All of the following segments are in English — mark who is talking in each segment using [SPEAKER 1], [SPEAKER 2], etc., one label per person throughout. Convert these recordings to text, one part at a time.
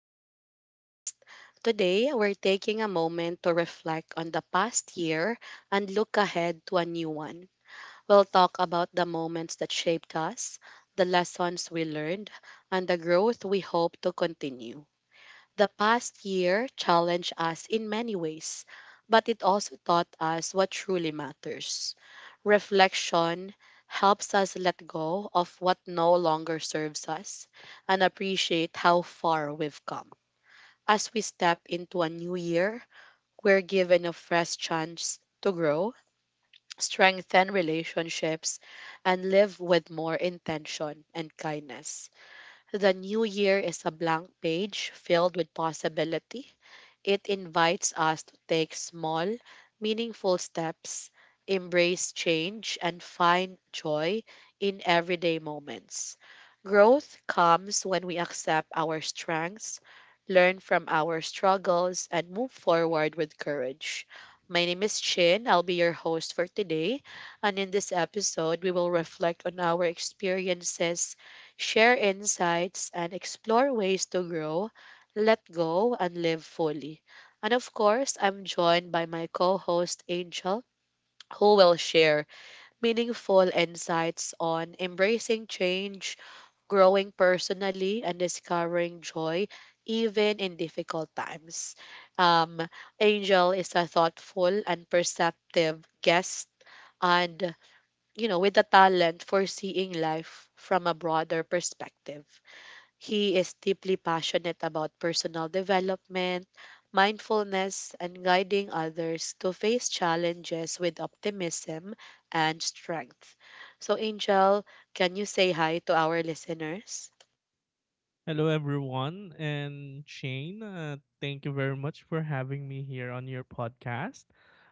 [SPEAKER 1] to our podcast. Today, we're taking a moment to reflect on the past year and look ahead to a new one. We'll talk about the moments that shaped us, the lessons we learned, and the growth we hope to continue. The past year challenged us in many ways, but it also taught us what truly matters. Reflection helps us let go of what no longer serves us and appreciate how far we've come. As we step into a new year, we're given a fresh chance to grow, strengthen relationships, and live with more intention and kindness. The new year is a blank page filled with possibility. It invites us to take small, meaningful steps, embrace change, and find joy in everyday moments. Growth comes when we accept our strengths, learn from our struggles, and move forward with courage. My name is Chin. I'll be your host for today. And in this episode, we will reflect on our experiences, share insights, and explore ways to grow, let go, and live fully. And of course, I'm joined by my co host, Angel, who will share meaningful insights on embracing change, growing personally, and discovering joy even in difficult times. Um, Angel is a thoughtful and perceptive guest, and with a talent for seeing life from a broader perspective. He is deeply passionate about personal development, mindfulness, and guiding others to face challenges with optimism and strength. So, Angel, can you say hi to our listeners?
[SPEAKER 2] Hello, everyone, and Shane. Thank you very much for having me here on your podcast.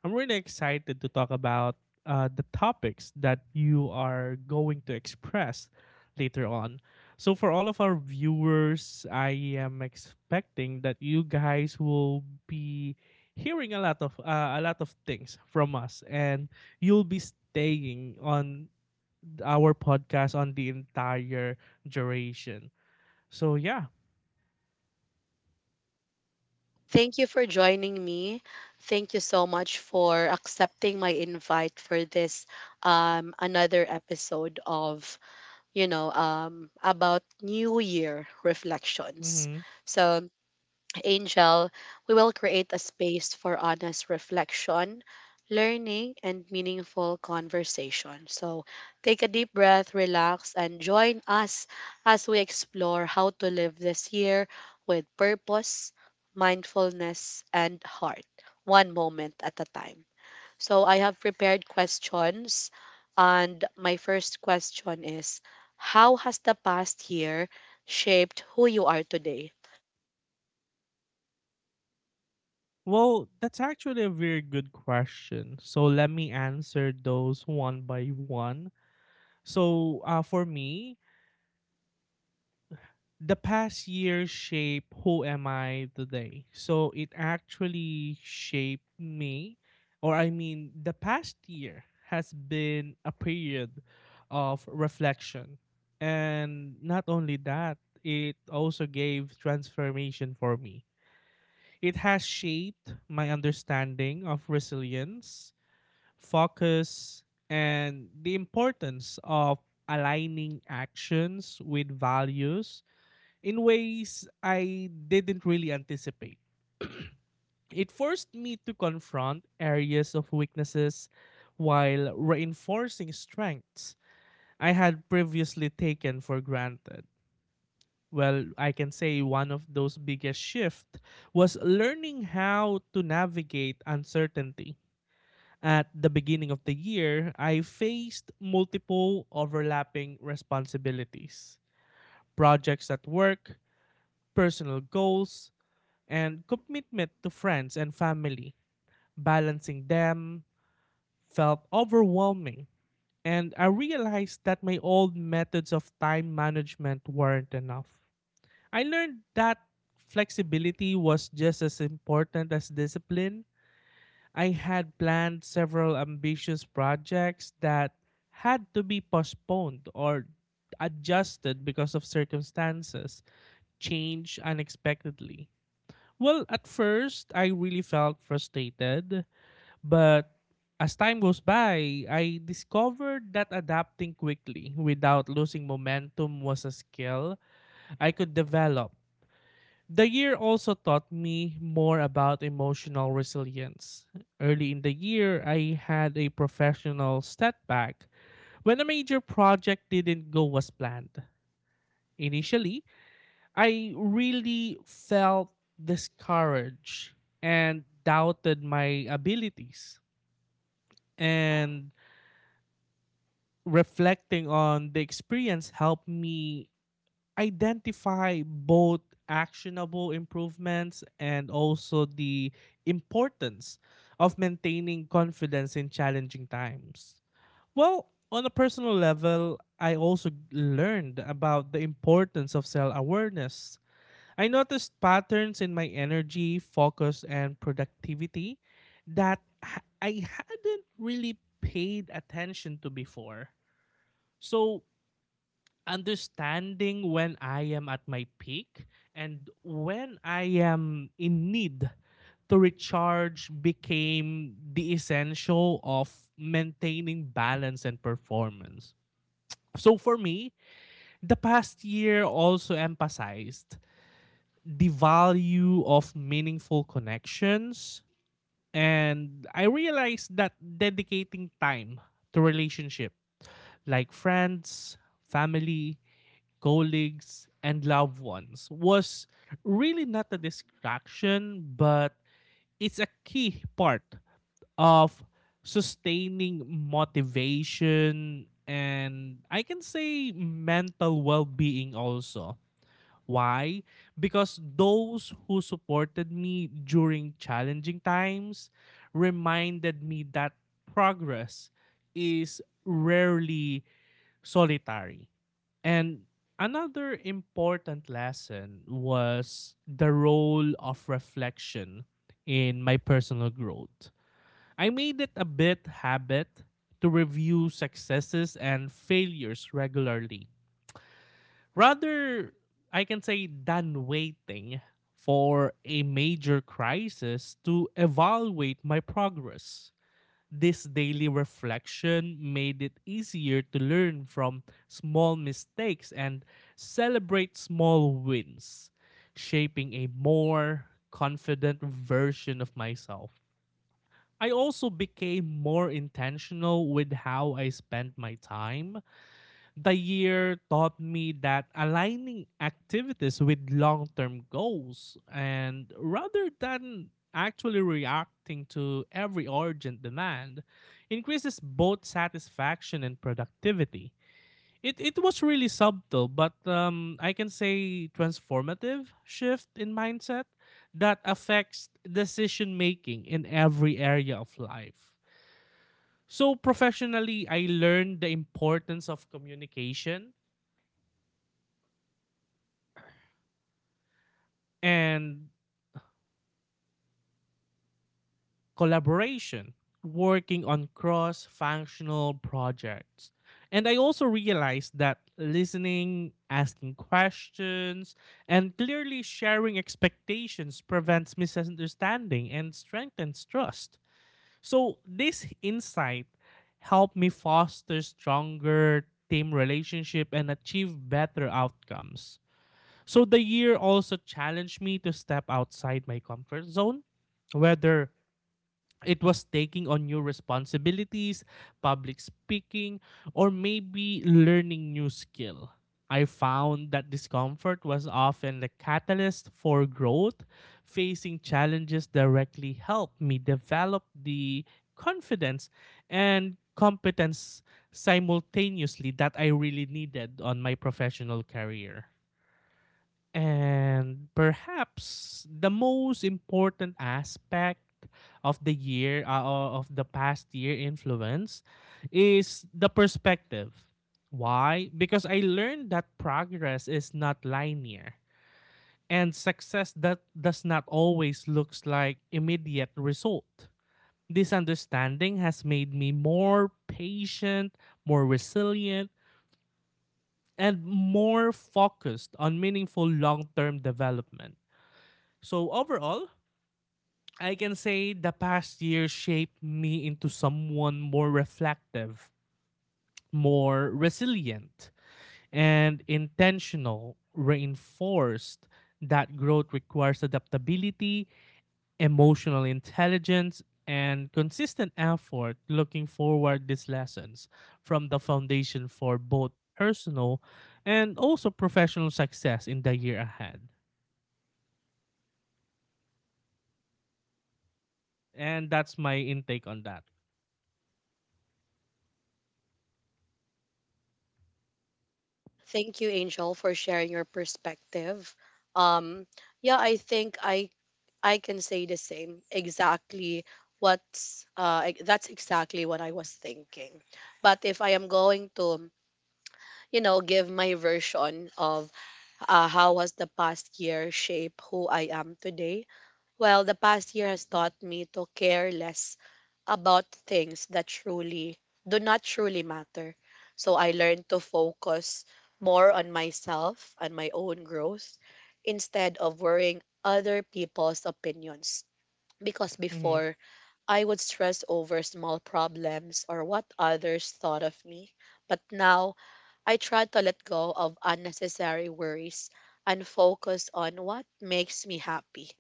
[SPEAKER 2] I'm really excited to talk about the topics that you are going to express later on. So, for all of our viewers, I am expecting that you guys will be hearing a lot of things from us, and you'll be staying on our podcast on the entire duration. So yeah.
[SPEAKER 1] Thank you for joining me. Thank you so much for accepting my invite for this another episode of, about new year reflections.
[SPEAKER 2] Mm-hmm.
[SPEAKER 1] So Angel, we will create a space for honest reflection, learning, and meaningful conversation. So take a deep breath, relax, and join us as we explore how to live this year with purpose, mindfulness, and heart, one moment at a time. So I have prepared questions, and my first question is: How has the past year shaped who you are today?
[SPEAKER 2] Well, that's actually a very good question. So let me answer those one by one. So, for me, the past year shaped who am I today. So it actually shaped me, or I mean, the past year has been a period of reflection. And not only that, it also gave transformation for me. It has shaped my understanding of resilience, focus, and the importance of aligning actions with values in ways I didn't really anticipate. It forced me to confront areas of weaknesses while reinforcing strengths I had previously taken for granted. Well, I can say one of those biggest shifts was learning how to navigate uncertainty. At the beginning of the year, I faced multiple overlapping responsibilities, projects at work, personal goals, and commitment to friends and family. Balancing them felt overwhelming, and I realized that my old methods of time management weren't enough. I learned that flexibility was just as important as discipline. I had planned several ambitious projects that had to be postponed or adjusted because of circumstances change unexpectedly. Well, at first, I really felt frustrated, but as time goes by, I discovered that adapting quickly without losing momentum was a skill I could develop. The year also taught me more about emotional resilience. Early in the year, I had a professional setback when a major project didn't go as planned. Initially, I really felt discouraged and doubted my abilities. And reflecting on the experience helped me identify both actionable improvements and also the importance of maintaining confidence in challenging times. Well, on a personal level, I also learned about the importance of self awareness. I noticed patterns in my energy, focus, and productivity that I hadn't really paid attention to before. So, understanding when I am at my peak and when I am in need to recharge became the essential of maintaining balance and performance. So for me, the past year also emphasized the value of meaningful connections, and I realized that dedicating time to relationship like friends, family, colleagues, and loved ones was really not a distraction, but it's a key part of sustaining motivation and I can say mental well being also. Why? Because those who supported me during challenging times reminded me that progress is rarely solitary. And another important lesson was the role of reflection in my personal growth. I made it a bit habit to review successes and failures regularly. Rather, I can say, than waiting for a major crisis to evaluate my progress. This daily reflection made it easier to learn from small mistakes and celebrate small wins, shaping a more confident version of myself. I also became more intentional with how I spent my time. The year taught me that aligning activities with long term goals and rather than actually reacting to every urgent demand increases both satisfaction and productivity. It was really subtle, but I can say transformative shift in mindset that affects decision making in every area of life. So, professionally, I learned the importance of communication and collaboration, working on cross functional projects. And I also realized that listening, asking questions, and clearly sharing expectations prevents misunderstanding and strengthens trust. So, this insight helped me foster stronger team relationship and achieve better outcomes. So, the year also challenged me to step outside my comfort zone, whether it was taking on new responsibilities, public speaking, or maybe learning new skill. I found that discomfort was often the catalyst for growth. Facing challenges directly helped me develop the confidence and competence simultaneously that I really needed on my professional career. And perhaps the most important aspect of the year, of the past year influence is the perspective. Why? Because I learned that progress is not linear and success that does not always looks like immediate result. This understanding has made me more patient, more resilient, and more focused on meaningful long-term development. So overall, I can say the past year shaped me into someone more reflective, more resilient, and intentional, reinforced that growth requires adaptability, emotional intelligence, and consistent effort looking forward these lessons from the foundation for both personal and also professional success in the year ahead. And that's my intake on that.
[SPEAKER 1] Thank you, Angel, for sharing your perspective. Um, yeah, I think I can say the same. That's exactly what I was thinking. But if I am going to, you know, give my version of how was the past year shape who I am today, well, the past year has taught me to care less about things that truly do not truly matter. So I learned to focus more on myself and my own growth instead of worrying other people's opinions. Because
[SPEAKER 2] Mm-hmm.
[SPEAKER 1] before, I would stress over small problems or what others thought of me. But now, I try to let go of unnecessary worries and focus on what makes me happy.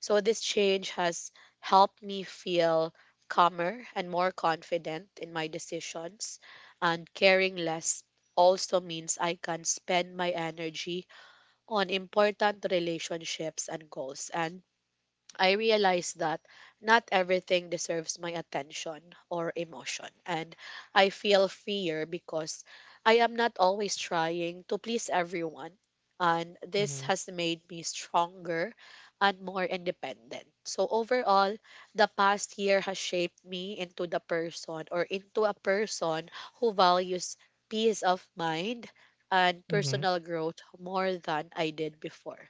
[SPEAKER 1] So this change has helped me feel calmer and more confident in my decisions. And caring less also means I can spend my energy on important relationships and goals. And I realized that not everything deserves my attention or emotion. And I feel fear because I am not always trying to please everyone. And this
[SPEAKER 2] Mm-hmm.
[SPEAKER 1] has made me stronger and more independent. So, overall, the past year has shaped me into the person or into a person who values peace of mind and
[SPEAKER 2] Mm-hmm.
[SPEAKER 1] personal growth more than I did before.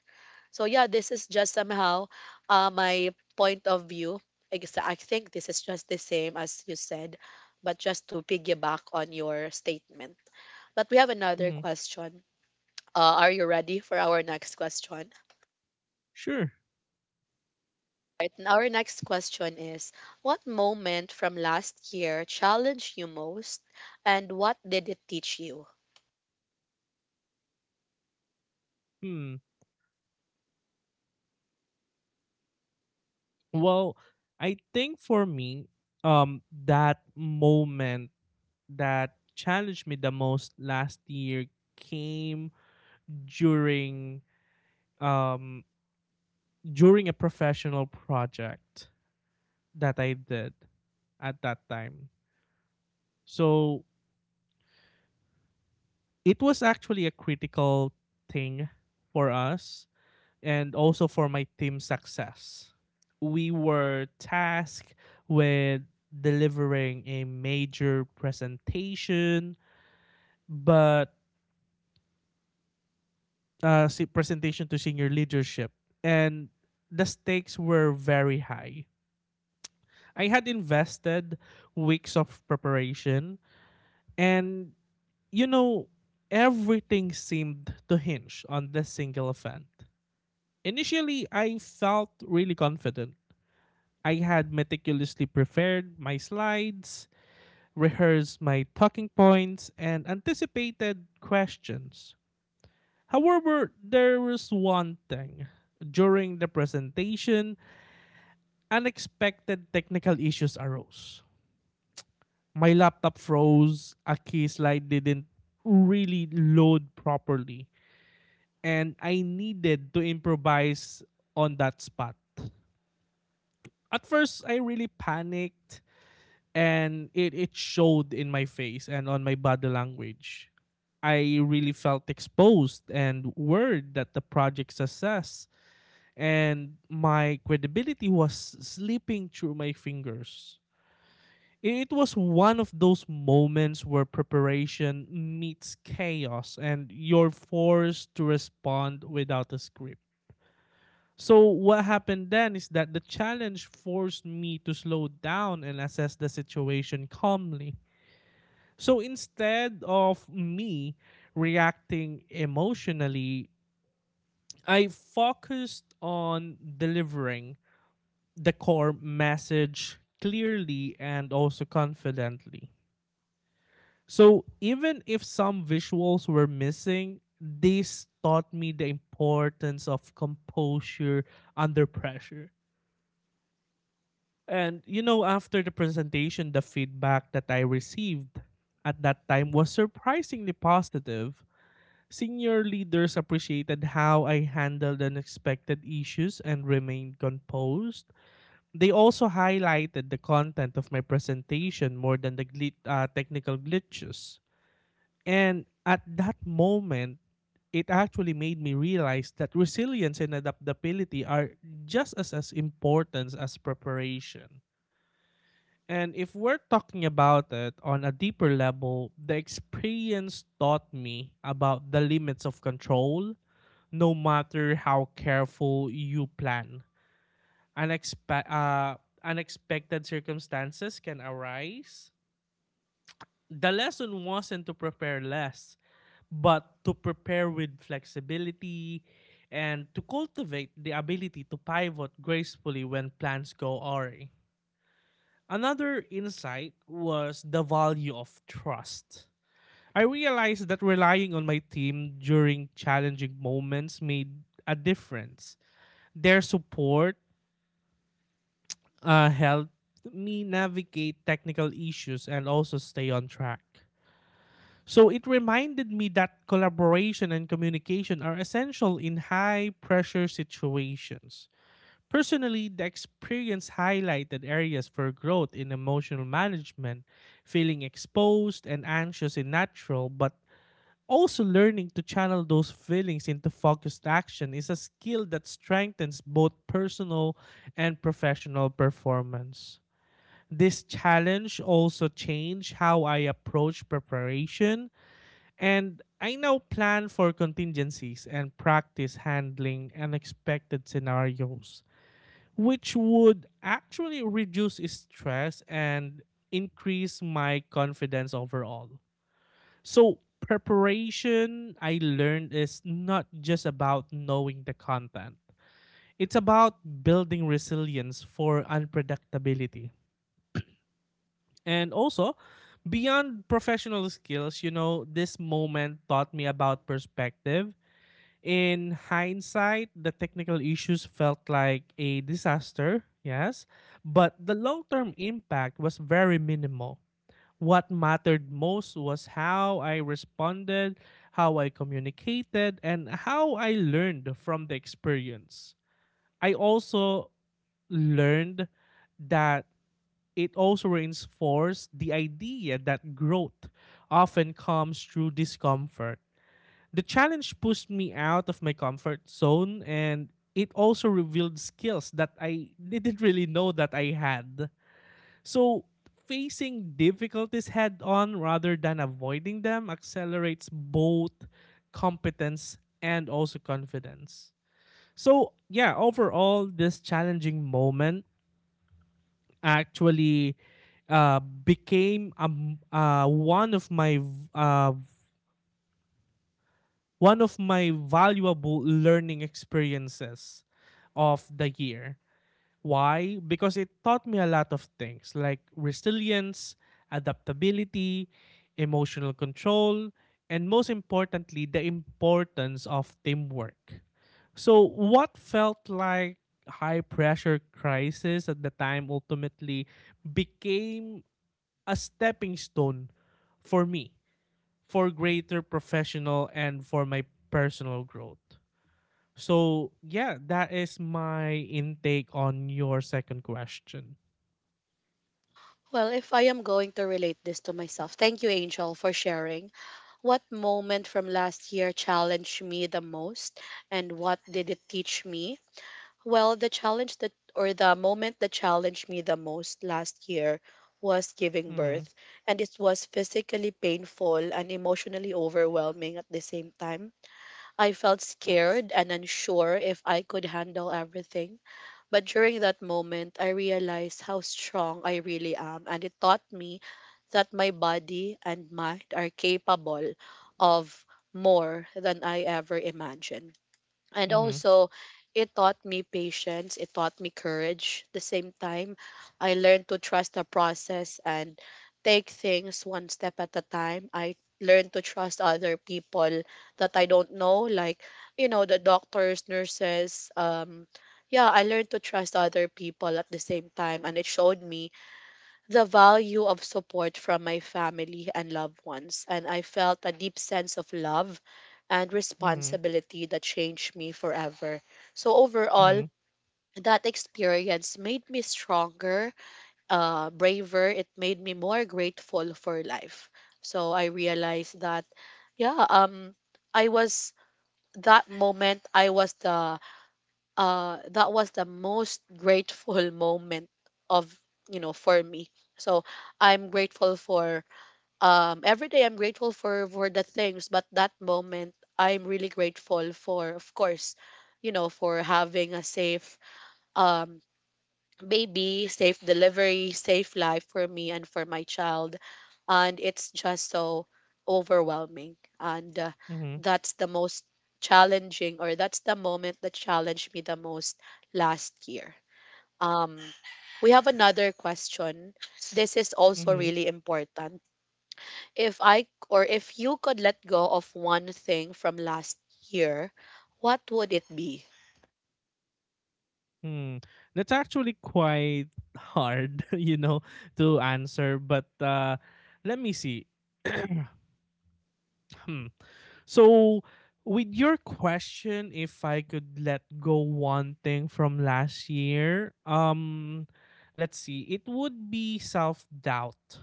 [SPEAKER 1] So yeah, this is just somehow my point of view. I guess I think this is just the same as you said, but just to piggyback on your statement. But we have another
[SPEAKER 2] Mm-hmm.
[SPEAKER 1] question. Are you ready for our next question?
[SPEAKER 2] Sure.
[SPEAKER 1] Right, and our next question is: What moment from last year challenged you most, and what did it teach you?
[SPEAKER 2] Hmm. Well, I think for me, that moment that challenged me the most last year came during um during a professional project that I did at that time. So it was actually a critical thing for us and also for my team's success. We were tasked with delivering a major presentation, but presentation to senior leadership, and the stakes were very high. I had invested weeks of preparation, and you know, everything seemed to hinge on this single event. Initially, I felt really confident. I had meticulously prepared my slides, rehearsed my talking points, and anticipated questions. However, there was one thing. During the presentation, unexpected technical issues arose. My laptop froze, a key slide didn't really load properly, and I needed to improvise on that spot. At first, I really panicked and it showed in my face and on my body language. I really felt exposed and worried that the project success and my credibility was slipping through my fingers. It was one of those moments where preparation meets chaos and you're forced to respond without a script. So what happened then is that the challenge forced me to slow down and assess the situation calmly. So instead of me reacting emotionally, I focused on delivering the core message clearly and also confidently. So even if some visuals were missing, this taught me the importance of composure under pressure. And you know, after the presentation, the feedback that I received at that time was surprisingly positive. Senior leaders appreciated how I handled unexpected issues and remained composed. They also highlighted the content of my presentation more than the technical glitches. And at that moment, it actually made me realize that resilience and adaptability are just as important as preparation. And if we're talking about it on a deeper level, the experience taught me about the limits of control, no matter how careful you plan. Unexpe- uh, Unexpected circumstances can arise. The lesson wasn't to prepare less, but to prepare with flexibility and to cultivate the ability to pivot gracefully when plans go awry. Another insight was the value of trust. I realized that relying on my team during challenging moments made a difference. Their support helped me navigate technical issues and also stay on track. So it reminded me that collaboration and communication are essential in high pressure situations. Personally, the experience highlighted areas for growth in emotional management, feeling exposed and anxious in natural, but also learning to channel those feelings into focused action is a skill that strengthens both personal and professional performance. This challenge also changed how I approach preparation, and I now plan for contingencies and practice handling unexpected scenarios which would actually reduce stress and increase my confidence overall. So, preparation, I learned, is not just about knowing the content, it's about building resilience for unpredictability. And also, beyond professional skills, you know, this moment taught me about perspective. In hindsight, the technical issues felt like a disaster, yes, but the long term impact was very minimal. What mattered most was how I responded, how I communicated, and how I learned from the experience. I also learned that it also reinforced the idea that growth often comes through discomfort. The challenge pushed me out of my comfort zone and it also revealed skills that I didn't really know that I had. So, facing difficulties head on rather than avoiding them accelerates both competence and also confidence. So, yeah, overall, this challenging moment actually became one of my valuable learning experiences of the year. Why? Because it taught me a lot of things like resilience, adaptability, emotional control, and most importantly, the importance of teamwork. So, what felt like high pressure crisis at the time ultimately became a stepping stone for me for greater professional and for my personal growth. So, yeah, that is my intake on your second question.
[SPEAKER 1] Well, if I am going to relate this to myself, thank you, Angel, for sharing. What moment from last year challenged me the most, and what did it teach me? Well, the moment that challenged me the most last year was giving
[SPEAKER 2] Mhm.
[SPEAKER 1] birth, and it was physically painful and emotionally overwhelming at the same time. I felt scared and unsure if I could handle everything, but during that moment, I realized how strong I really am, and it taught me that my body and mind are capable of more than I ever imagined. And
[SPEAKER 2] Mhm.
[SPEAKER 1] also, it taught me patience, it taught me courage. At the same time, I learned to trust the process and take things one step at a time. I learned to trust other people that I don't know, like, you know, the doctors, nurses. Yeah, I learned to trust other people at the same time, and it showed me the value of support from my family and loved ones, and I felt a deep sense of love and
[SPEAKER 2] Mhm.
[SPEAKER 1] responsibility that changed me forever. So, overall,
[SPEAKER 2] Mhm.
[SPEAKER 1] that experience made me stronger, braver. It made me more grateful for life. So, I realized that, yeah, I was I was the that was the most grateful moment of for me. So I'm grateful for every day. I'm grateful for the things, but that moment I'm really grateful for, of course, for having a safe um baby, safe delivery, safe life for me and for my child. And it's just so overwhelming, and
[SPEAKER 2] Mhm.
[SPEAKER 1] that's the most challenging or that's the moment that challenged me the most last year. um we have another question. This is also
[SPEAKER 2] Mhm.
[SPEAKER 1] really important. If I or If you could let go of one thing from last year, what would it be?
[SPEAKER 2] Hmm. That's actually quite hard, you know, to answer, but let me see. Hmm. So, with your question, if I could let go one thing from last year, let's see, it would be self doubt.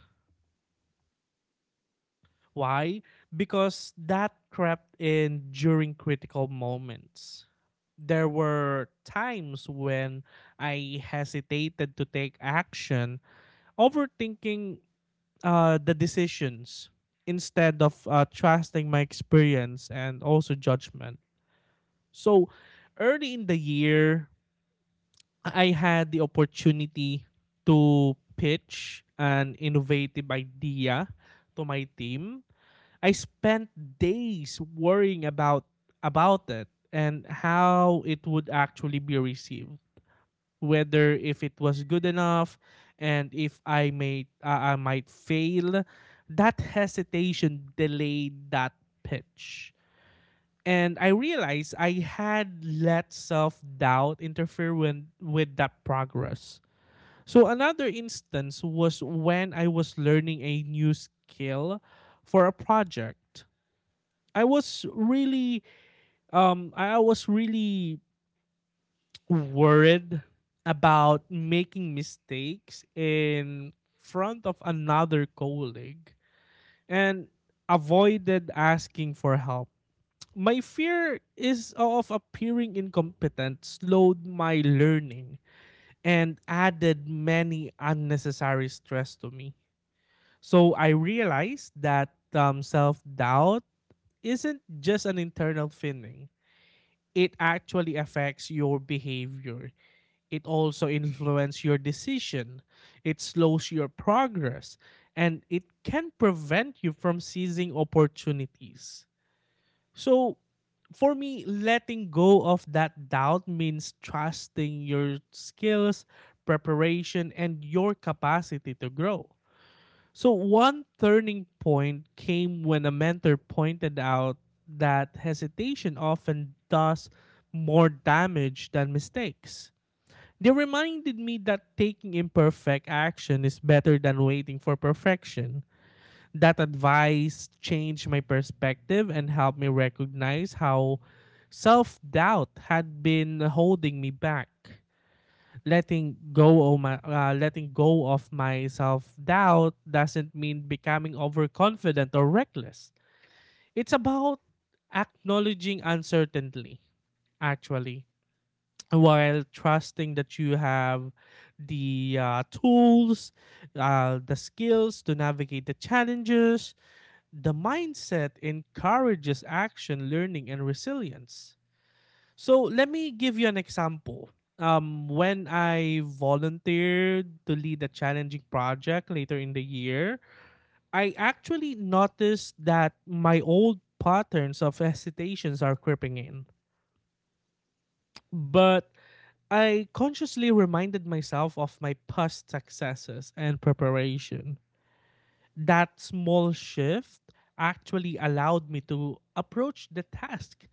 [SPEAKER 2] Why? Because that crept in during critical moments. There were times when I hesitated to take action, overthinking the decisions instead of trusting my experience and also judgment. So early in the year, I had the opportunity to pitch an innovative idea to my team. I spent days worrying about it and how it would actually be received, whether if it was good enough and if I may I might fail. That hesitation delayed that pitch, and I realized I had let self doubt interfere with that progress. So another instance was when I was learning a new skill for a project. I was really, I was really worried about making mistakes in front of another colleague and avoided asking for help. My fear is of appearing incompetent slowed my learning and added many unnecessary stress to me. So I realized that self doubt isn't just an internal feeling, it actually affects your behavior. It also influences your decision, it slows your progress, and it can prevent you from seizing opportunities. So for me, letting go of that doubt means trusting your skills, preparation, and your capacity to grow. So one turning point came when a mentor pointed out that hesitation often does more damage than mistakes. They reminded me that taking imperfect action is better than waiting for perfection. That advice changed my perspective and helped me recognize how self doubt had been holding me back. Letting go of my self doubt doesn't mean becoming overconfident or reckless. It's about acknowledging uncertainty, actually, while trusting that you have the tools, the skills to navigate the challenges. The mindset encourages action, learning, and resilience. So let me give you an example. When I volunteered to lead a challenging project later in the year, I actually noticed that my old patterns of hesitations are creeping in. But I consciously reminded myself of my past successes and preparation. That small shift actually allowed me to approach the task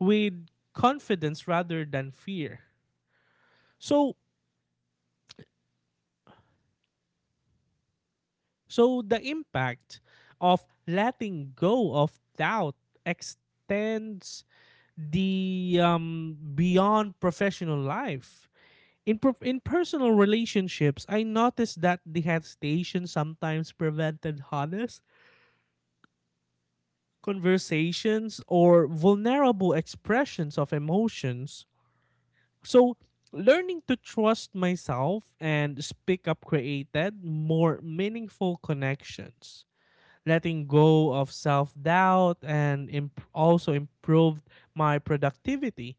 [SPEAKER 2] with confidence rather than fear. So, so the impact of letting go of doubt extends the beyond professional life. In personal relationships, I noticed that the hesitation sometimes prevented honest conversations or vulnerable expressions of emotions. So learning to trust myself and speak up created more meaningful connections. Letting go of self doubt and imp- Also improved my productivity.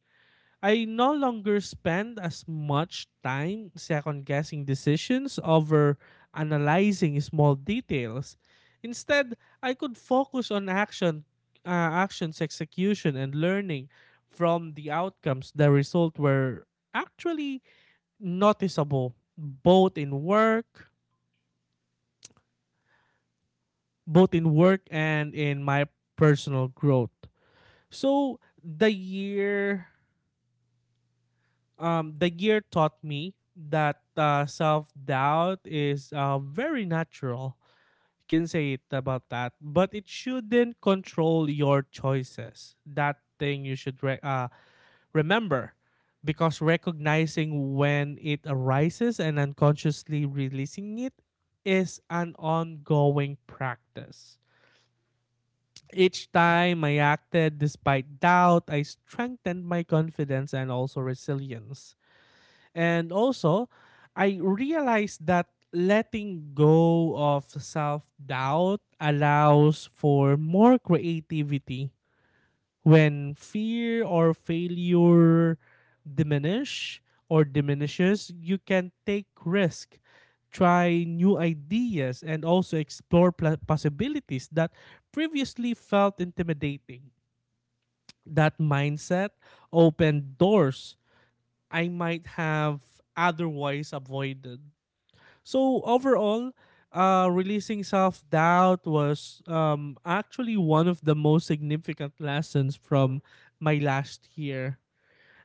[SPEAKER 2] I no longer spend as much time second guessing decisions over analyzing small details. Instead, I could focus on action, uh, actions execution, and learning from the outcomes. The result were actually noticeable, both in work and in my personal growth. So the year the year taught me that self doubt is very natural. You can say it about that, but it shouldn't control your choices. That thing you should re- Remember, because recognizing when it arises and unconsciously releasing it is an ongoing practice. Each time I acted despite doubt, I strengthened my confidence and also resilience. And also, I realized that letting go of self doubt allows for more creativity. When fear or failure diminish or diminishes, you can take risk, try new ideas, and also possibilities that previously felt intimidating. That mindset opened doors I might have otherwise avoided. So overall, releasing self doubt was actually one of the most significant lessons from my last year.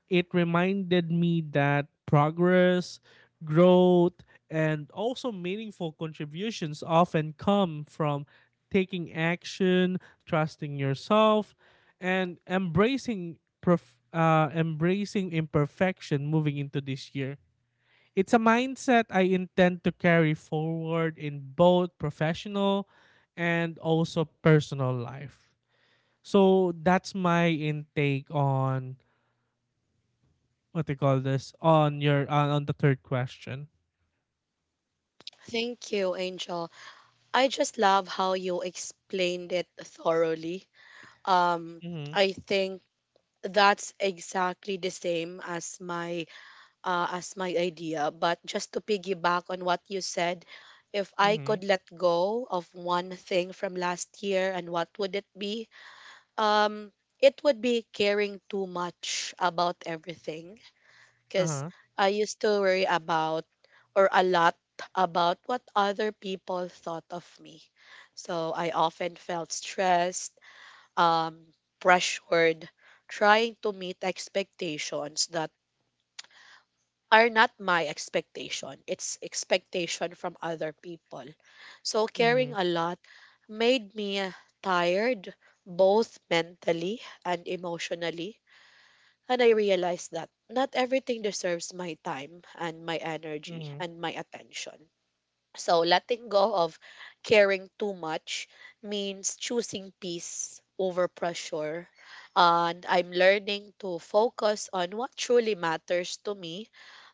[SPEAKER 2] It reminded me that progress, growth, and also meaningful contributions often come from taking action, trusting yourself, and embracing imperfection moving into this year. It's a mindset I intend to carry forward in both professional and also personal life. So that's my intake on what they call this on your on the third question.
[SPEAKER 1] Thank you, Angel. I just love how you explained it thoroughly. Um,
[SPEAKER 2] Mm-hmm.
[SPEAKER 1] I think that's exactly the same as my idea. But just to piggyback on what you said, if I
[SPEAKER 2] Mm-hmm.
[SPEAKER 1] could let go of one thing from last year, and what would it be? Um, it would be caring too much about everything. Because
[SPEAKER 2] Uh-huh.
[SPEAKER 1] I used to worry about or a lot about what other people thought of me. So I often felt stressed, um, pressured, trying to meet expectations that are not my expectation. It's expectation from other people. So
[SPEAKER 2] Mm-hmm.
[SPEAKER 1] caring a lot made me tired, both mentally and emotionally. And I realized that not everything deserves my time and my energy
[SPEAKER 2] Mm-hmm.
[SPEAKER 1] and my attention. So letting go of caring too much means choosing peace over pressure. And I'm learning to focus on what truly matters to me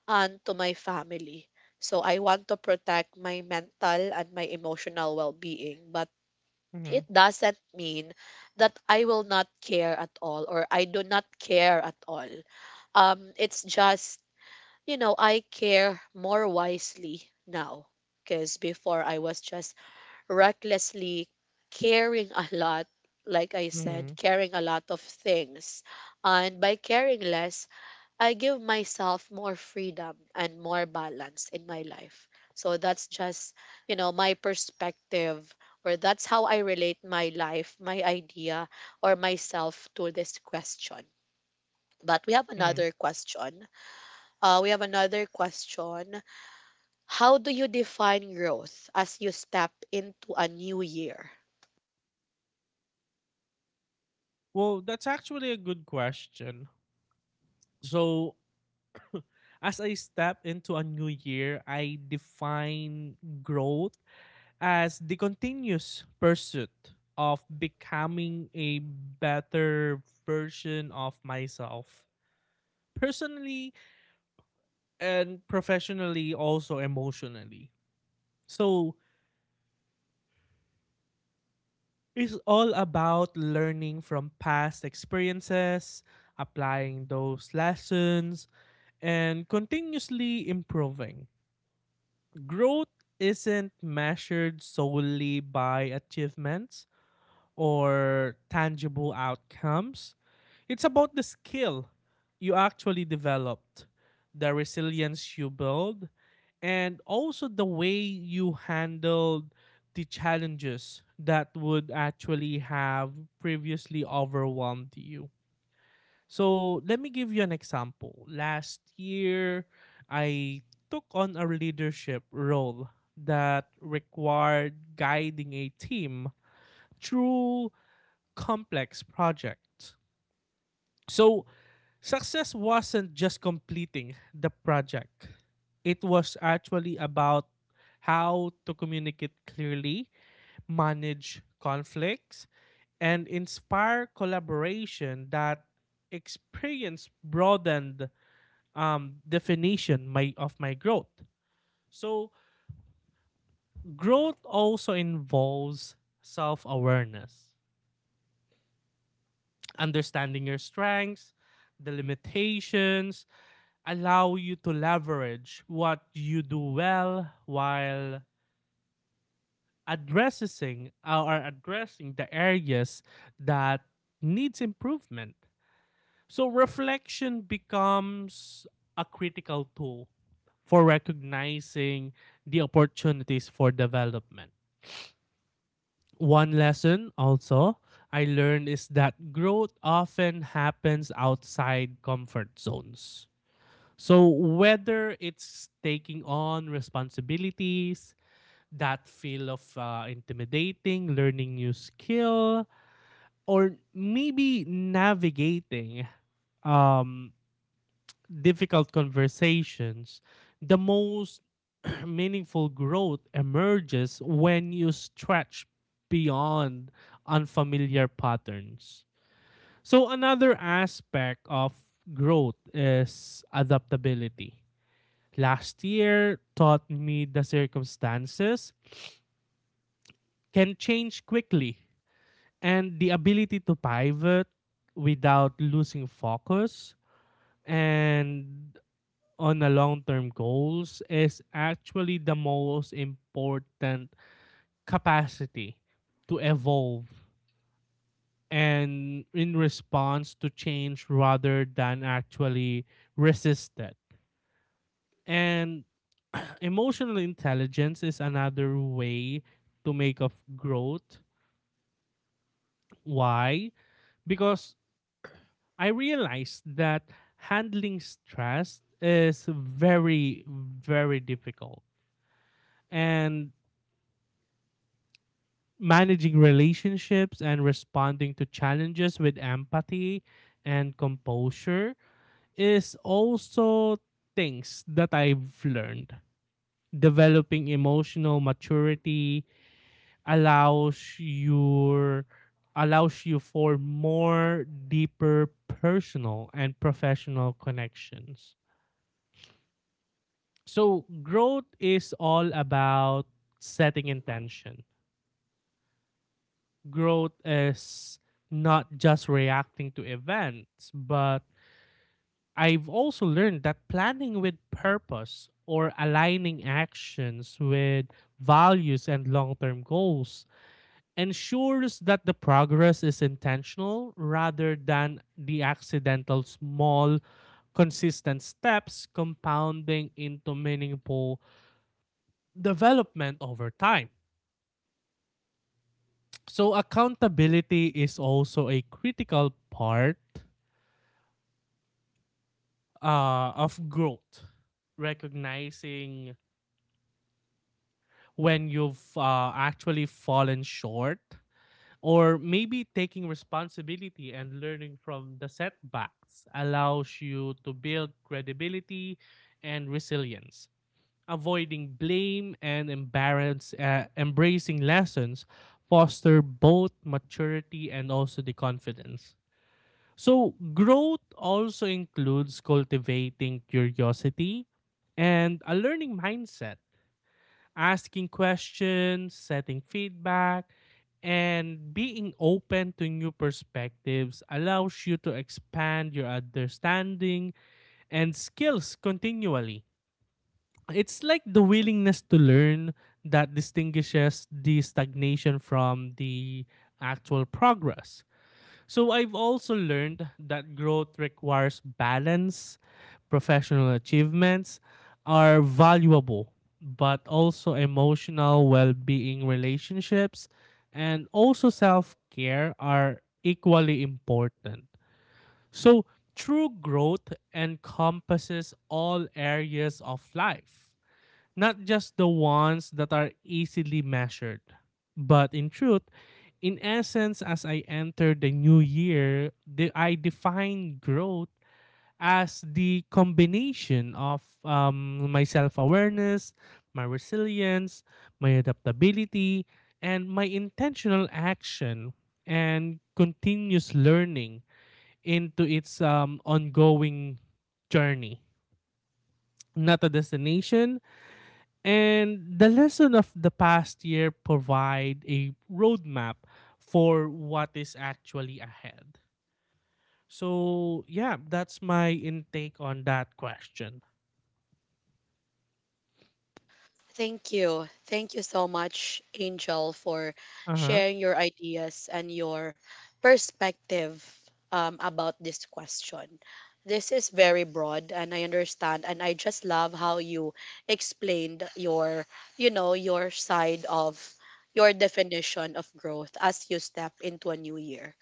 [SPEAKER 1] and to my family. So I want to protect my mental and my emotional well being. But
[SPEAKER 2] Mm-hmm.
[SPEAKER 1] it doesn't mean that I will not care at all or I do not care at all. It's just, I care more wisely now, because before I was just recklessly carrying a lot, like I said,
[SPEAKER 2] Mm-hmm.
[SPEAKER 1] carrying a lot of things. And by caring less, I give myself more freedom and more balance in my life. So that's just my perspective, or that's how I relate my life, my idea, or myself to this question. But we have
[SPEAKER 2] Mm-hmm.
[SPEAKER 1] another question. We have another question. How do you define growth as you step into a new year?
[SPEAKER 2] Well, that's actually a good question. So, as I step into a new year, I define growth as the continuous pursuit of becoming a better version of myself, personally and professionally, also emotionally. So it's all about learning from past experiences, applying those lessons, and continuously improving. Growth isn't measured solely by achievements or tangible outcomes, it's about the skill you actually developed, the resilience you build, and also the way you handled the challenges that would actually have previously overwhelmed you. So, let me give you an example. Last year, I took on a leadership role that required guiding a team through complex projects. So success wasn't just completing the project, it was actually about how to communicate clearly, manage conflicts, and inspire collaboration. That experience broadened definition my, of my growth. So growth also involves self awareness, understanding your strengths, the limitations, allow you to leverage what you do well while addressing the areas that needs improvement. So reflection becomes a critical tool for recognizing the opportunities for development. One lesson also I learned is that growth often happens outside comfort zones. So whether it's taking on responsibilities, that feel of intimidating, learning new skill, or maybe navigating um, difficult conversations, the most meaningful growth emerges when you stretch beyond unfamiliar patterns. So another aspect of growth is adaptability. Last year taught me the circumstances can change quickly, and the ability to pivot without losing focus and on the long-term goals is actually the most important. Capacity to evolve and in response to change rather than actually resist it. And emotional intelligence is another way to make of growth. Why? Because I realized that handling stress is very, very difficult. And managing relationships and responding to challenges with empathy and composure is also things that I've learned. Developing emotional maturity, allows your allows you for more deeper personal and professional connections. So growth is all about setting intention. Growth is not just reacting to events, but I've also learned that planning with purpose or aligning actions with values and long-term goals ensures that the progress is intentional rather than the accidental. Small consistent steps compounding into meaningful development over time. So accountability is also a critical part of growth, recognizing when you've actually fallen short, or maybe taking responsibility and learning from the setbacks allows you to build credibility and resilience. Avoiding blame and embracing lessons foster both maturity and also the confidence. So, growth also includes cultivating curiosity and a learning mindset, asking questions, setting feedback, and being open to new perspectives allows you to expand your understanding and skills continually. It's like the willingness to learn that distinguishes the stagnation from the actual progress. So I've also learned that growth requires balance. Professional achievements are valuable, but also emotional well being, relationships, and also self care are equally important. So true growth encompasses all areas of life, not just the ones that are easily measured. But in truth, in essence, as I enter the new year, the, I define growth as the combination of my self awareness, my resilience, my adaptability, and my intentional action and continuous learning into its ongoing journey. Not a destination, and the lesson of the past year provide a roadmap for what is actually ahead. So yeah, that's my intake on that question.
[SPEAKER 1] Thank you. Thank you so much, Angel, for
[SPEAKER 2] Uh huh.
[SPEAKER 1] sharing your ideas and your perspective about this question. This is very broad, and I understand, and I just love how you explained your side of your definition of growth as you step into a new year.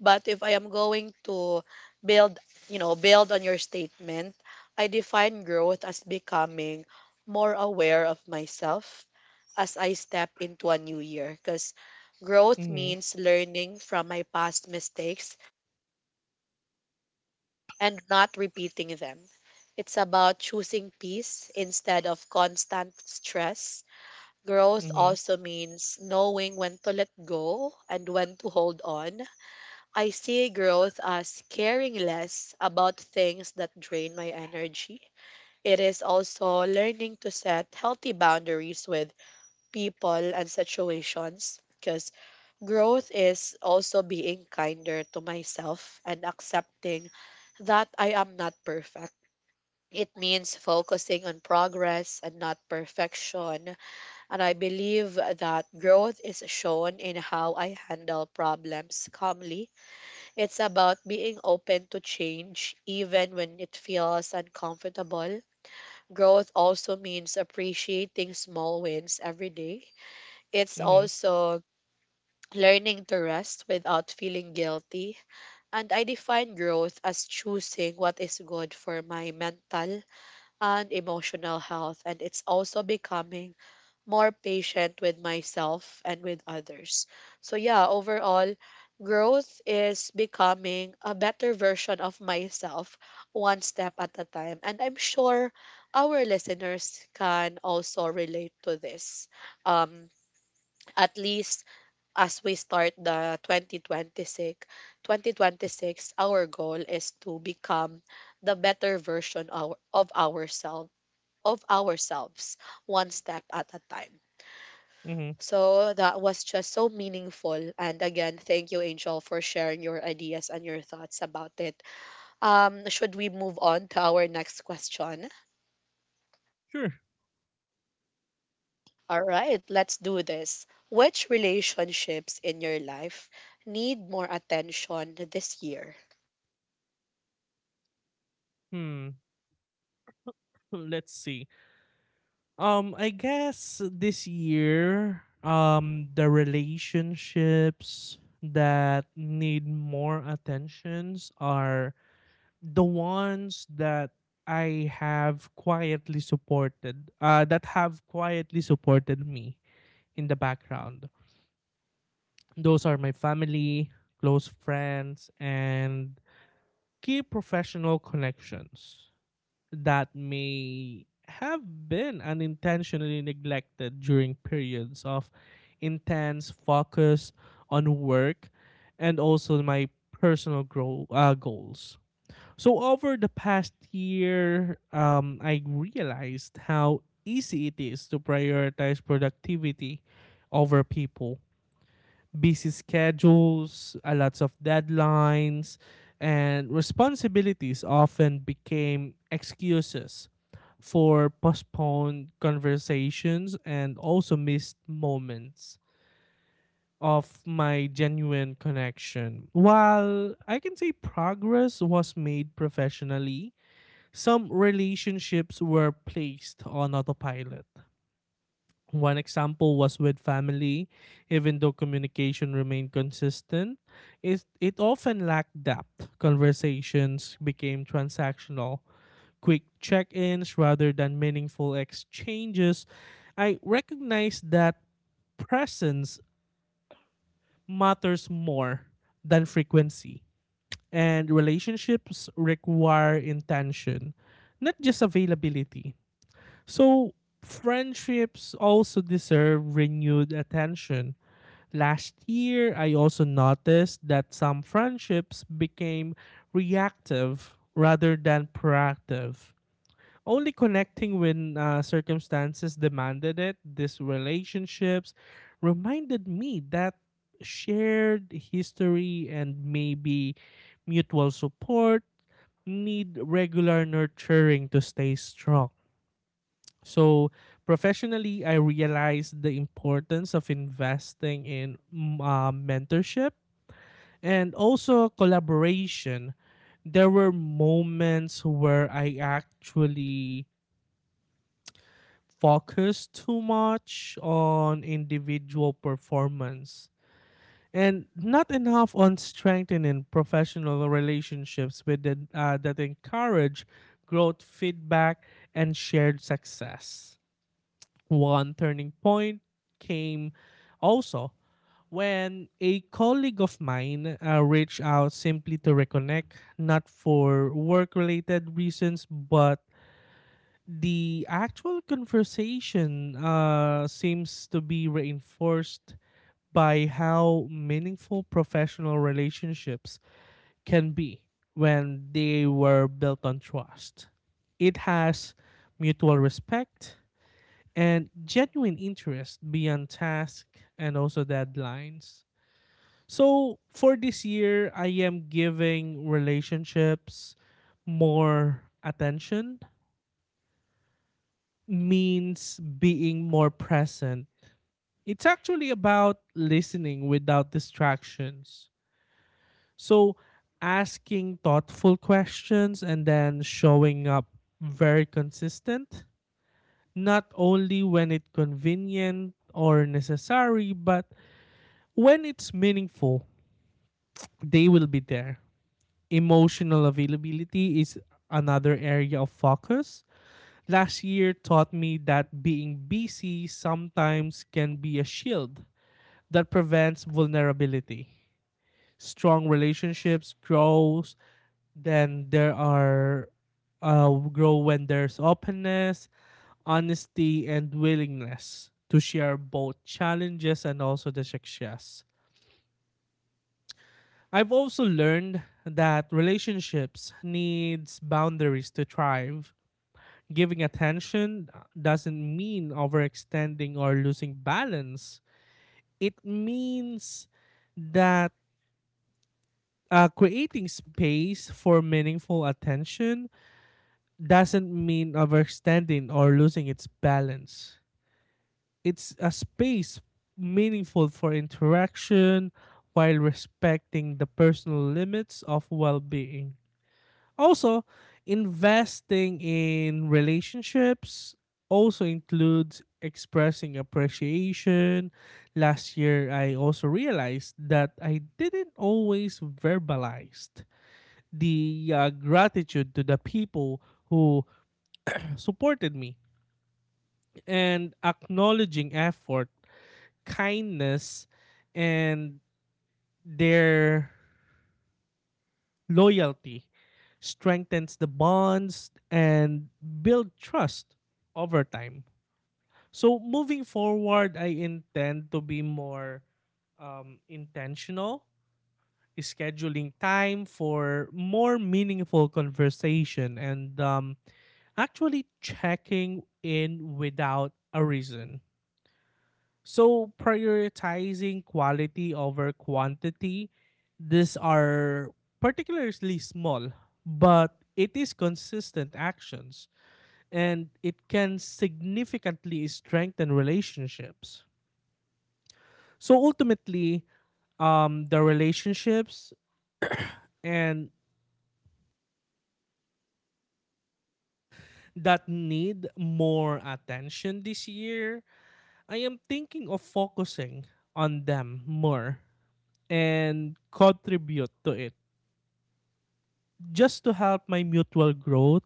[SPEAKER 1] But if I am going to build, build on your statement, I define growth as becoming more aware of myself as I step into a new year. Because growth
[SPEAKER 2] Mhm.
[SPEAKER 1] means learning from my past mistakes and not repeating them. It's about choosing peace instead of constant stress. Growth
[SPEAKER 2] Mhm.
[SPEAKER 1] also means knowing when to let go and when to hold on. I see growth as caring less about things that drain my energy. It is also learning to set healthy boundaries with people and situations, because growth is also being kinder to myself and accepting that I am not perfect. It means focusing on progress and not perfection. And I believe that growth is shown in how I handle problems calmly. It's about being open to change, even when it feels uncomfortable. Growth also means appreciating small wins every day. It's
[SPEAKER 2] Mhm.
[SPEAKER 1] also learning to rest without feeling guilty. And I define growth as choosing what is good for my mental and emotional health. And it's also becoming more patient with myself and with others. So yeah, overall, growth is becoming a better version of myself one step at a time. And I'm sure our listeners can also relate to this. Um, at least as we start the 2026, 2026, our goal is to become the better version our, of ourselves one step at a time.
[SPEAKER 2] Mhm.
[SPEAKER 1] So that was just so meaningful. And again, thank you, Angel, for sharing your ideas and your thoughts about it. Should we move on to our next question?
[SPEAKER 2] Sure.
[SPEAKER 1] All right, let's do this. Which relationships in your life need more attention this year?
[SPEAKER 2] Hmm. Let's see. I guess this year, the relationships that need more attentions are the ones that I have quietly supported, that have quietly supported me in the background. Those are my family, close friends, and key professional connections that may have been unintentionally neglected during periods of intense focus on work and also my personal goals. So over the past year, I realized how easy it is to prioritize productivity over people. Busy schedules, a lots of deadlines, and responsibilities often became excuses for postponed conversations and also missed moments of my genuine connection. While I can say progress was made professionally, some relationships were placed on autopilot. One example was with family, even though communication remained consistent, it often lacked depth. Conversations became transactional, quick check ins rather than meaningful exchanges. I recognize that presence matters more than frequency, and relationships require intention, not just availability. So friendships also deserve renewed attention. Last year, I also noticed that some friendships became reactive rather than proactive, only connecting when circumstances demanded it. These relationships reminded me that shared history and maybe mutual support need regular nurturing to stay strong. So professionally, I realized the importance of investing in mentorship and also collaboration. There were moments where I actually focused too much on individual performance and not enough on strengthening professional relationships that encourage growth, feedback, and shared success. One turning point came also when a colleague of mine reached out simply to reconnect, not for work related reasons, but the actual conversation seems to be reinforced by how meaningful professional relationships can be when they were built on trust. It has mutual respect, and genuine interest beyond task and also deadlines. So for this year, I am giving relationships more attention, means being more present. It's actually about listening without distractions. So asking thoughtful questions and then showing up very consistent, not only when it's convenient or necessary, but when it's meaningful, they will be there. Emotional availability is another area of focus. Last year taught me that being busy sometimes can be a shield that prevents vulnerability. Strong relationships grows then there are grow when there's openness, honesty, and willingness to share both challenges and also the success. I've also learned that relationships needs boundaries to thrive. Giving attention doesn't mean overextending or losing balance. It means that creating space for meaningful attention doesn't mean overextending or losing its balance. It's a space meaningful for interaction while respecting the personal limits of well-being. Also, investing in relationships also includes expressing appreciation. Last year, I also realized that I didn't always verbalize the gratitude to the people who supported me and acknowledging effort, kindness, and their loyalty strengthens the bonds and build trust over time. So moving forward, I intend to be more intentional, scheduling time for more meaningful conversation and actually checking in without a reason. So prioritizing quality over quantity, these are particularly small, but it is consistent actions and it can significantly strengthen relationships. So ultimately, the relationships and that need more attention this year, I am thinking of focusing on them more and contribute to it just to help my mutual growth,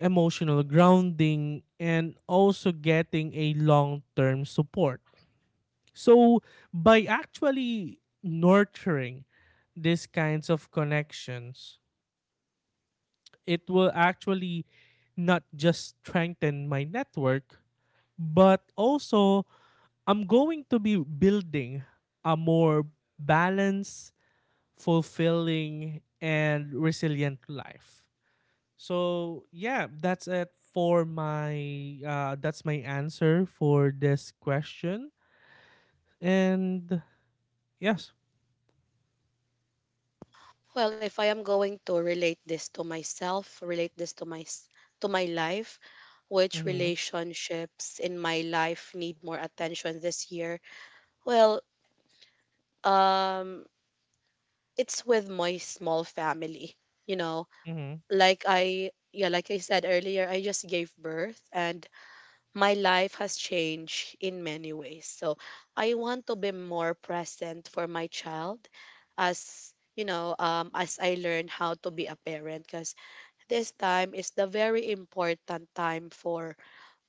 [SPEAKER 2] emotional grounding, and also getting a long term support. So, by actually nurturing these kinds of connections, it will actually not just strengthen my network, but also I'm going to be building a more balanced, fulfilling, and resilient life. So yeah, that's it for my answer for this question. And yes.
[SPEAKER 1] Well, if I am going to relate this to myself, relate this to to my life, which
[SPEAKER 2] Mhm.
[SPEAKER 1] relationships in my life need more attention this year? Well, um it's with my small family, you know.
[SPEAKER 2] Mhm.
[SPEAKER 1] Like I, like I said earlier, I just gave birth and my life has changed in many ways. So I want to be more present for my child as you know, as I learn how to be a parent, because this time is the very important time for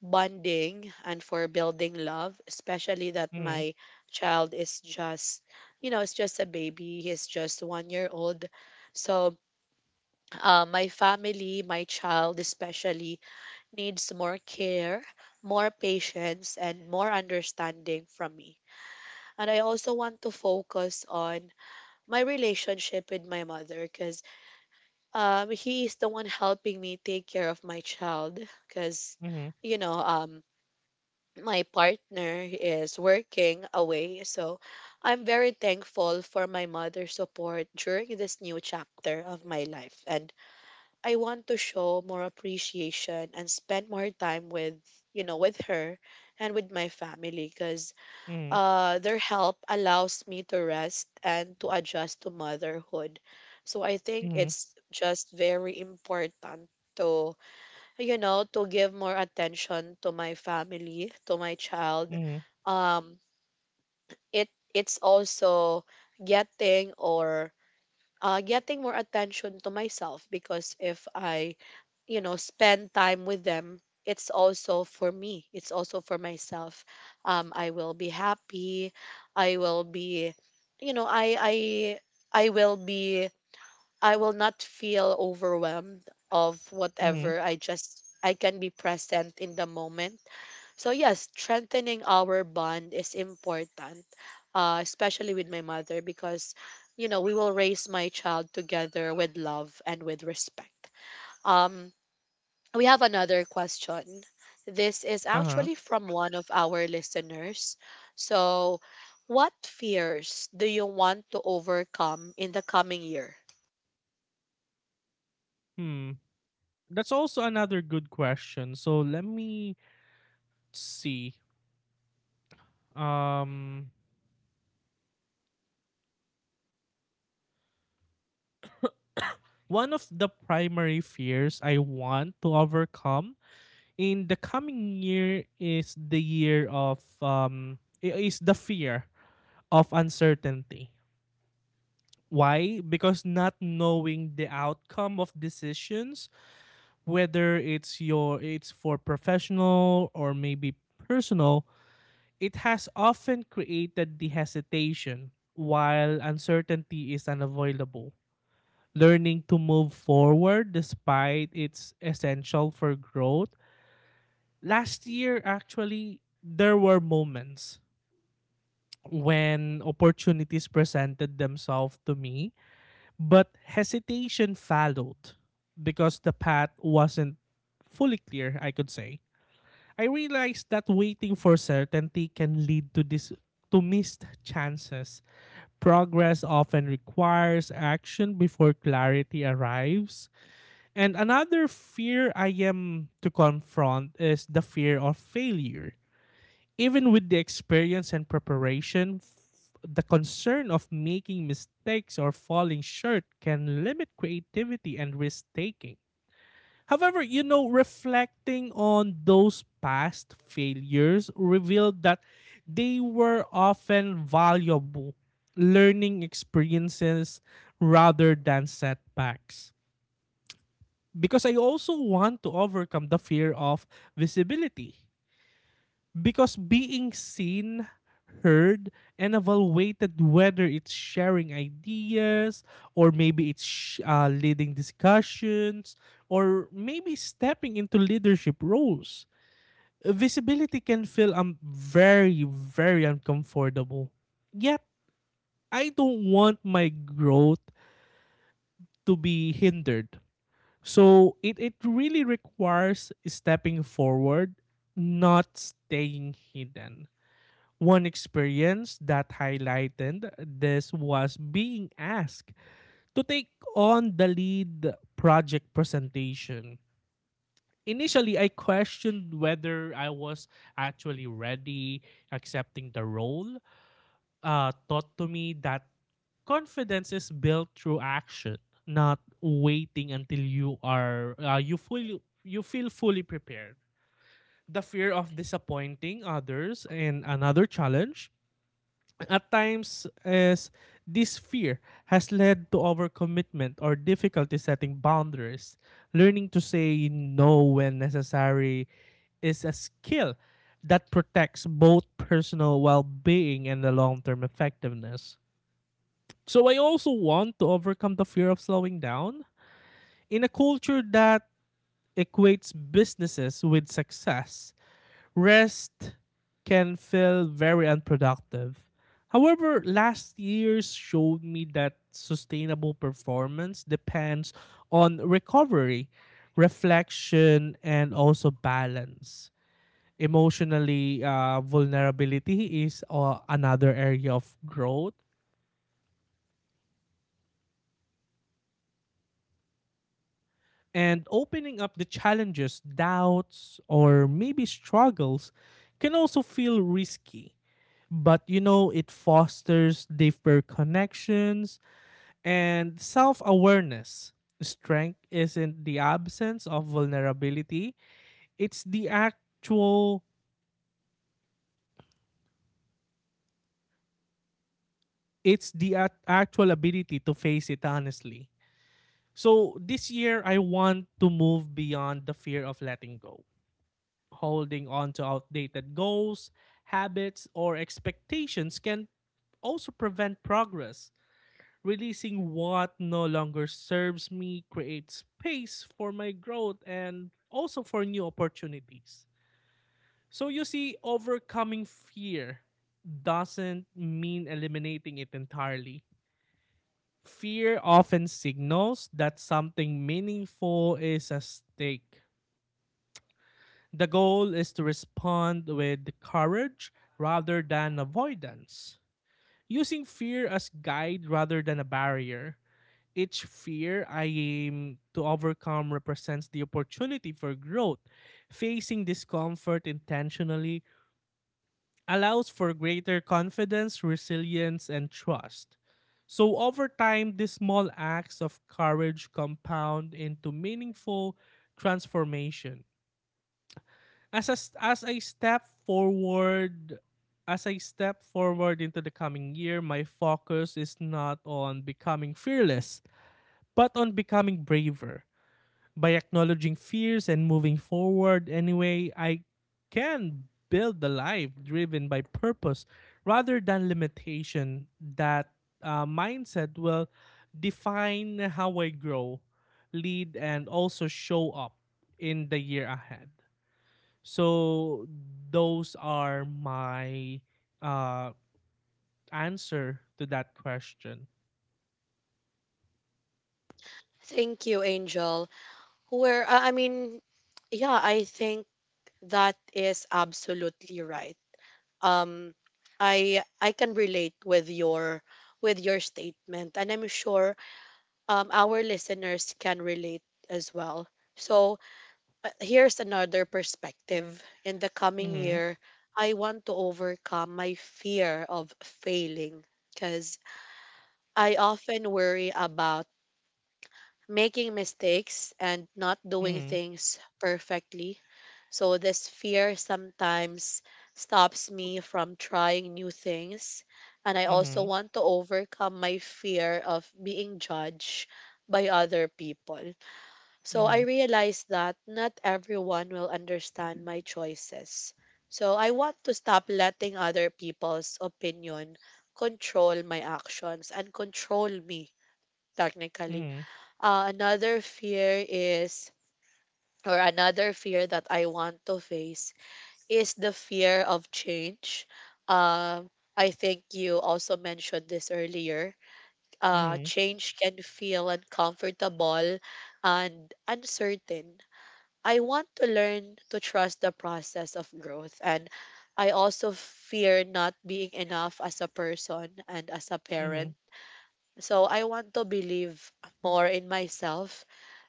[SPEAKER 1] bonding and for building love, especially that
[SPEAKER 2] Mhm.
[SPEAKER 1] my child is just, you know, it's just a baby. He's just 1 year old. So, my family, my child especially, needs more care, more patience, and more understanding from me. And I also want to focus on my relationship with my mother because he is the one helping me take care of my child because
[SPEAKER 2] Mhm.
[SPEAKER 1] you know, my partner is working away. So I'm very thankful for my mother's support during this new chapter of my life. And I want to show more appreciation and spend more time with, you know, with her and with my family because
[SPEAKER 2] Mhm.
[SPEAKER 1] their help allows me to rest and to adjust to motherhood. So I think
[SPEAKER 2] Mhm.
[SPEAKER 1] it's just very important to, you know, to give more attention to my family, to my child.
[SPEAKER 2] Mhm.
[SPEAKER 1] Um, it it's also getting or getting more attention to myself because if I, you know, spend time with them, it's also for me. It's also for myself. I will be happy. I will be, you know, I I will be, I will not feel overwhelmed of
[SPEAKER 2] Mhm.
[SPEAKER 1] whatever. I just I can be present in the moment. So yes, strengthening our bond is important, especially with my mother, because you know we will raise my child together with love and with respect. Um, we have another question. This is
[SPEAKER 2] Uh-huh.
[SPEAKER 1] actually from one of our listeners. So, what fears do you want to overcome in the coming year?
[SPEAKER 2] Hmm. That's also another good question. So let me see. Um One of the primary fears I want to overcome in the coming year is the year of I- is the fear of uncertainty. Why? Because not knowing the outcome of decisions, whether it's your it's for professional or maybe personal, it has often created the hesitation while uncertainty is unavoidable. Learning to move forward despite it's essential for growth last year actually there were moments when opportunities presented themselves to me, but hesitation followed because the path wasn't fully clear, I could say. I realized that waiting for certainty can lead to missed chances. Progress often requires action before clarity arrives. And another fear I am to confront is the fear of failure even with the experience and preparation, the concern of making mistakes or falling short can limit creativity and risk taking. However, you know, reflecting on those past failures revealed that they were often valuable learning experiences rather than setbacks. Because I also want to overcome the fear of visibility because being seen, heard, and evaluated whether it's sharing ideas or maybe leading discussions or maybe stepping into leadership roles. Visibility can feel very, very uncomfortable. Yet, I don't want my growth to be hindered. So, it really requires stepping forward, not staying hidden. One experience that highlighted this was being asked to take on the lead project presentation. Initially, I questioned whether I was actually ready accepting the role. Taught to me that confidence is built through action, not waiting until you feel fully prepared. The fear of disappointing others and another challenge at times, as this fear has led to overcommitment or difficulty setting boundaries. Learning to say no when necessary is a skill that protects both personal well being and the long term effectiveness. So, I also want to overcome the fear of slowing down. In a culture that equates businesses with success, rest can feel very unproductive. However, last year's showed me that sustainable performance depends on recovery, reflection, and also balance. Emotionally, vulnerability is another area of growth. And opening up the challenges, doubts, or maybe struggles can also feel risky, but you know it fosters deeper connections and self-awareness. Strength isn't the absence of vulnerability, it's the actual it's the ac- actual ability to face it honestly. So this year I want to move beyond the fear of letting go, holding on to outdated goals, habits or expectations can also prevent progress. Releasing what no longer serves me creates space for my growth and also for new opportunities. So you see, overcoming fear doesn't mean eliminating it entirely. Fear often signals that something meaningful is at stake. The goal is to respond with courage rather than avoidance, using fear as guide rather than a barrier. Each fear I aim to overcome represents the opportunity for growth. Facing discomfort intentionally allows for greater confidence, resilience, and trust. So, over time, these small acts of courage compound into meaningful transformation. As I step forward, as I step forward into the coming year, my focus is not on becoming fearless, but on becoming braver. By acknowledging fears and moving forward anyway, I can build the life driven by purpose rather than limitation. That mindset will define how I grow, lead, and also show up in the year ahead. So, those are my uh, answer to that question.
[SPEAKER 1] Thank you, Angel. Where I mean, yeah, I think that is absolutely right. Um, I can relate with your statement, and I'm sure, our listeners can relate as well. So here's another perspective. In the coming
[SPEAKER 2] Mm-hmm,
[SPEAKER 1] year, I want to overcome my fear of failing because I often worry about making mistakes and not doing
[SPEAKER 2] mm-hmm,
[SPEAKER 1] things perfectly. So this fear sometimes stops me from trying new things. And I also
[SPEAKER 2] mm-hmm,
[SPEAKER 1] want to overcome my fear of being judged by other people. So I
[SPEAKER 2] mm-hmm,
[SPEAKER 1] realize that not everyone will understand my choices. So I want to stop letting other people's opinion control my actions and control me technically. Uh, another fear is another fear that I want to face is the fear of change. Um, I think you also mentioned this earlier.
[SPEAKER 2] mm-hmm,
[SPEAKER 1] Change can feel uncomfortable and uncertain. I want to learn to trust the process of growth, and I also fear not being enough as a person and as a
[SPEAKER 2] mm-hmm,
[SPEAKER 1] parent. So I want to believe more in myself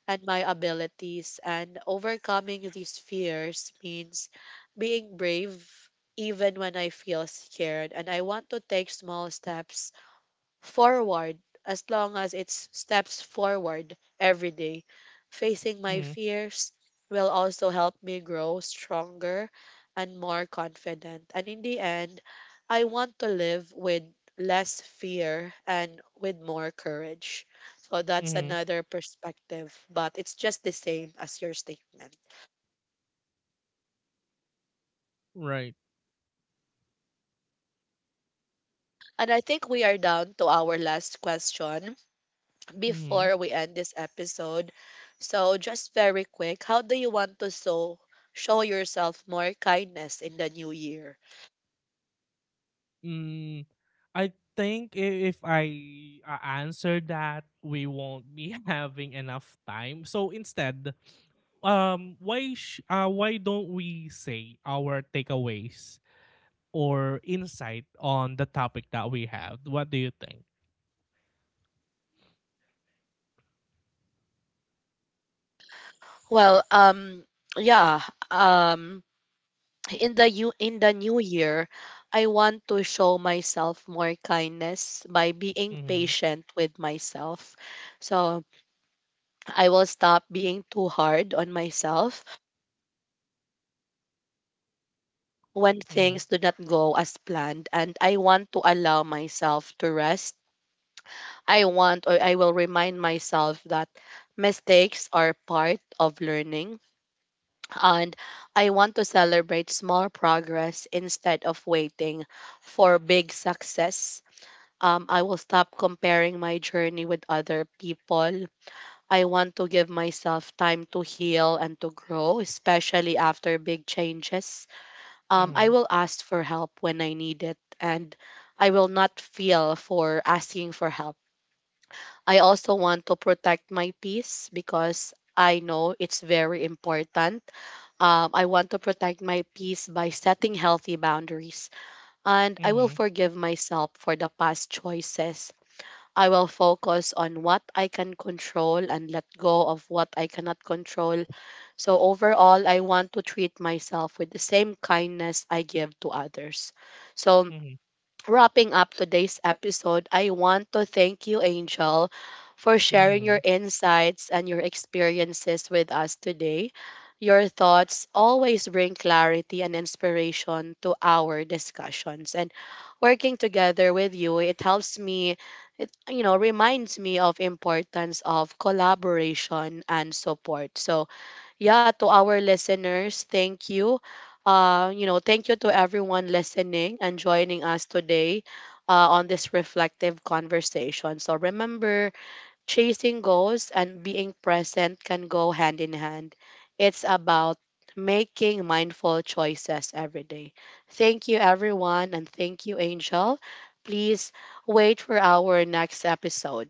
[SPEAKER 1] and my abilities. And overcoming these fears means being brave even when I feel scared. And I want to take small steps forward, as long as it's steps forward every day. Facing my
[SPEAKER 2] mm-hmm,
[SPEAKER 1] fears will also help me grow stronger and more confident. And in the end, I want to live with less fear and with more courage. So that's
[SPEAKER 2] mm-hmm,
[SPEAKER 1] another perspective, but it's just the same as your statement.
[SPEAKER 2] Right.
[SPEAKER 1] And I think we are down to our last question
[SPEAKER 2] Hmm.
[SPEAKER 1] before we end this episode. So, just very quick, how do you want to show yourself more kindness in the new year?
[SPEAKER 2] Mm, I think i- if I answer that, we won't be having enough time. So instead, why don't we say our takeaways or insight on the topic that we have? What do you think?
[SPEAKER 1] Well, yeah, um, in the you in the new year, I want to show myself more kindness by being
[SPEAKER 2] Mm-hmm.
[SPEAKER 1] patient with myself. So I will stop being too hard on myself when
[SPEAKER 2] Mhm,
[SPEAKER 1] things do not go as planned, and I want to allow myself to rest. I want or I will remind myself that mistakes are part of learning. And I want to celebrate small progress instead of waiting for big success. I will stop comparing my journey with other people. I want to give myself time to heal and to grow, especially after big changes. I
[SPEAKER 2] mhm,
[SPEAKER 1] will ask for help when I need it, and I will not feel for asking for help. I also want to protect my peace because I know it's very important. I want to protect my peace by setting healthy boundaries, and I will
[SPEAKER 2] mhm,
[SPEAKER 1] forgive myself for the past choices. I will focus on what I can control and let go of what I cannot control. So, overall, I want to treat myself with the same kindness I give to others. So,
[SPEAKER 2] mhm,
[SPEAKER 1] wrapping up today's episode, I want to thank you, Angel, for sharing your
[SPEAKER 2] mhm.
[SPEAKER 1] insights and your experiences with us today. Your thoughts always bring clarity and inspiration to our discussions. And working together with you, it helps me, it, you know, reminds me of importance of collaboration and support. So, yeah, to our listeners, thank you, you know, thank you to everyone listening and joining us today, on this reflective conversation. So remember, chasing goals and being present can go hand in hand. It's about making mindful choices every day. Thank you everyone, and thank you, Angel. Please wait for our next episode.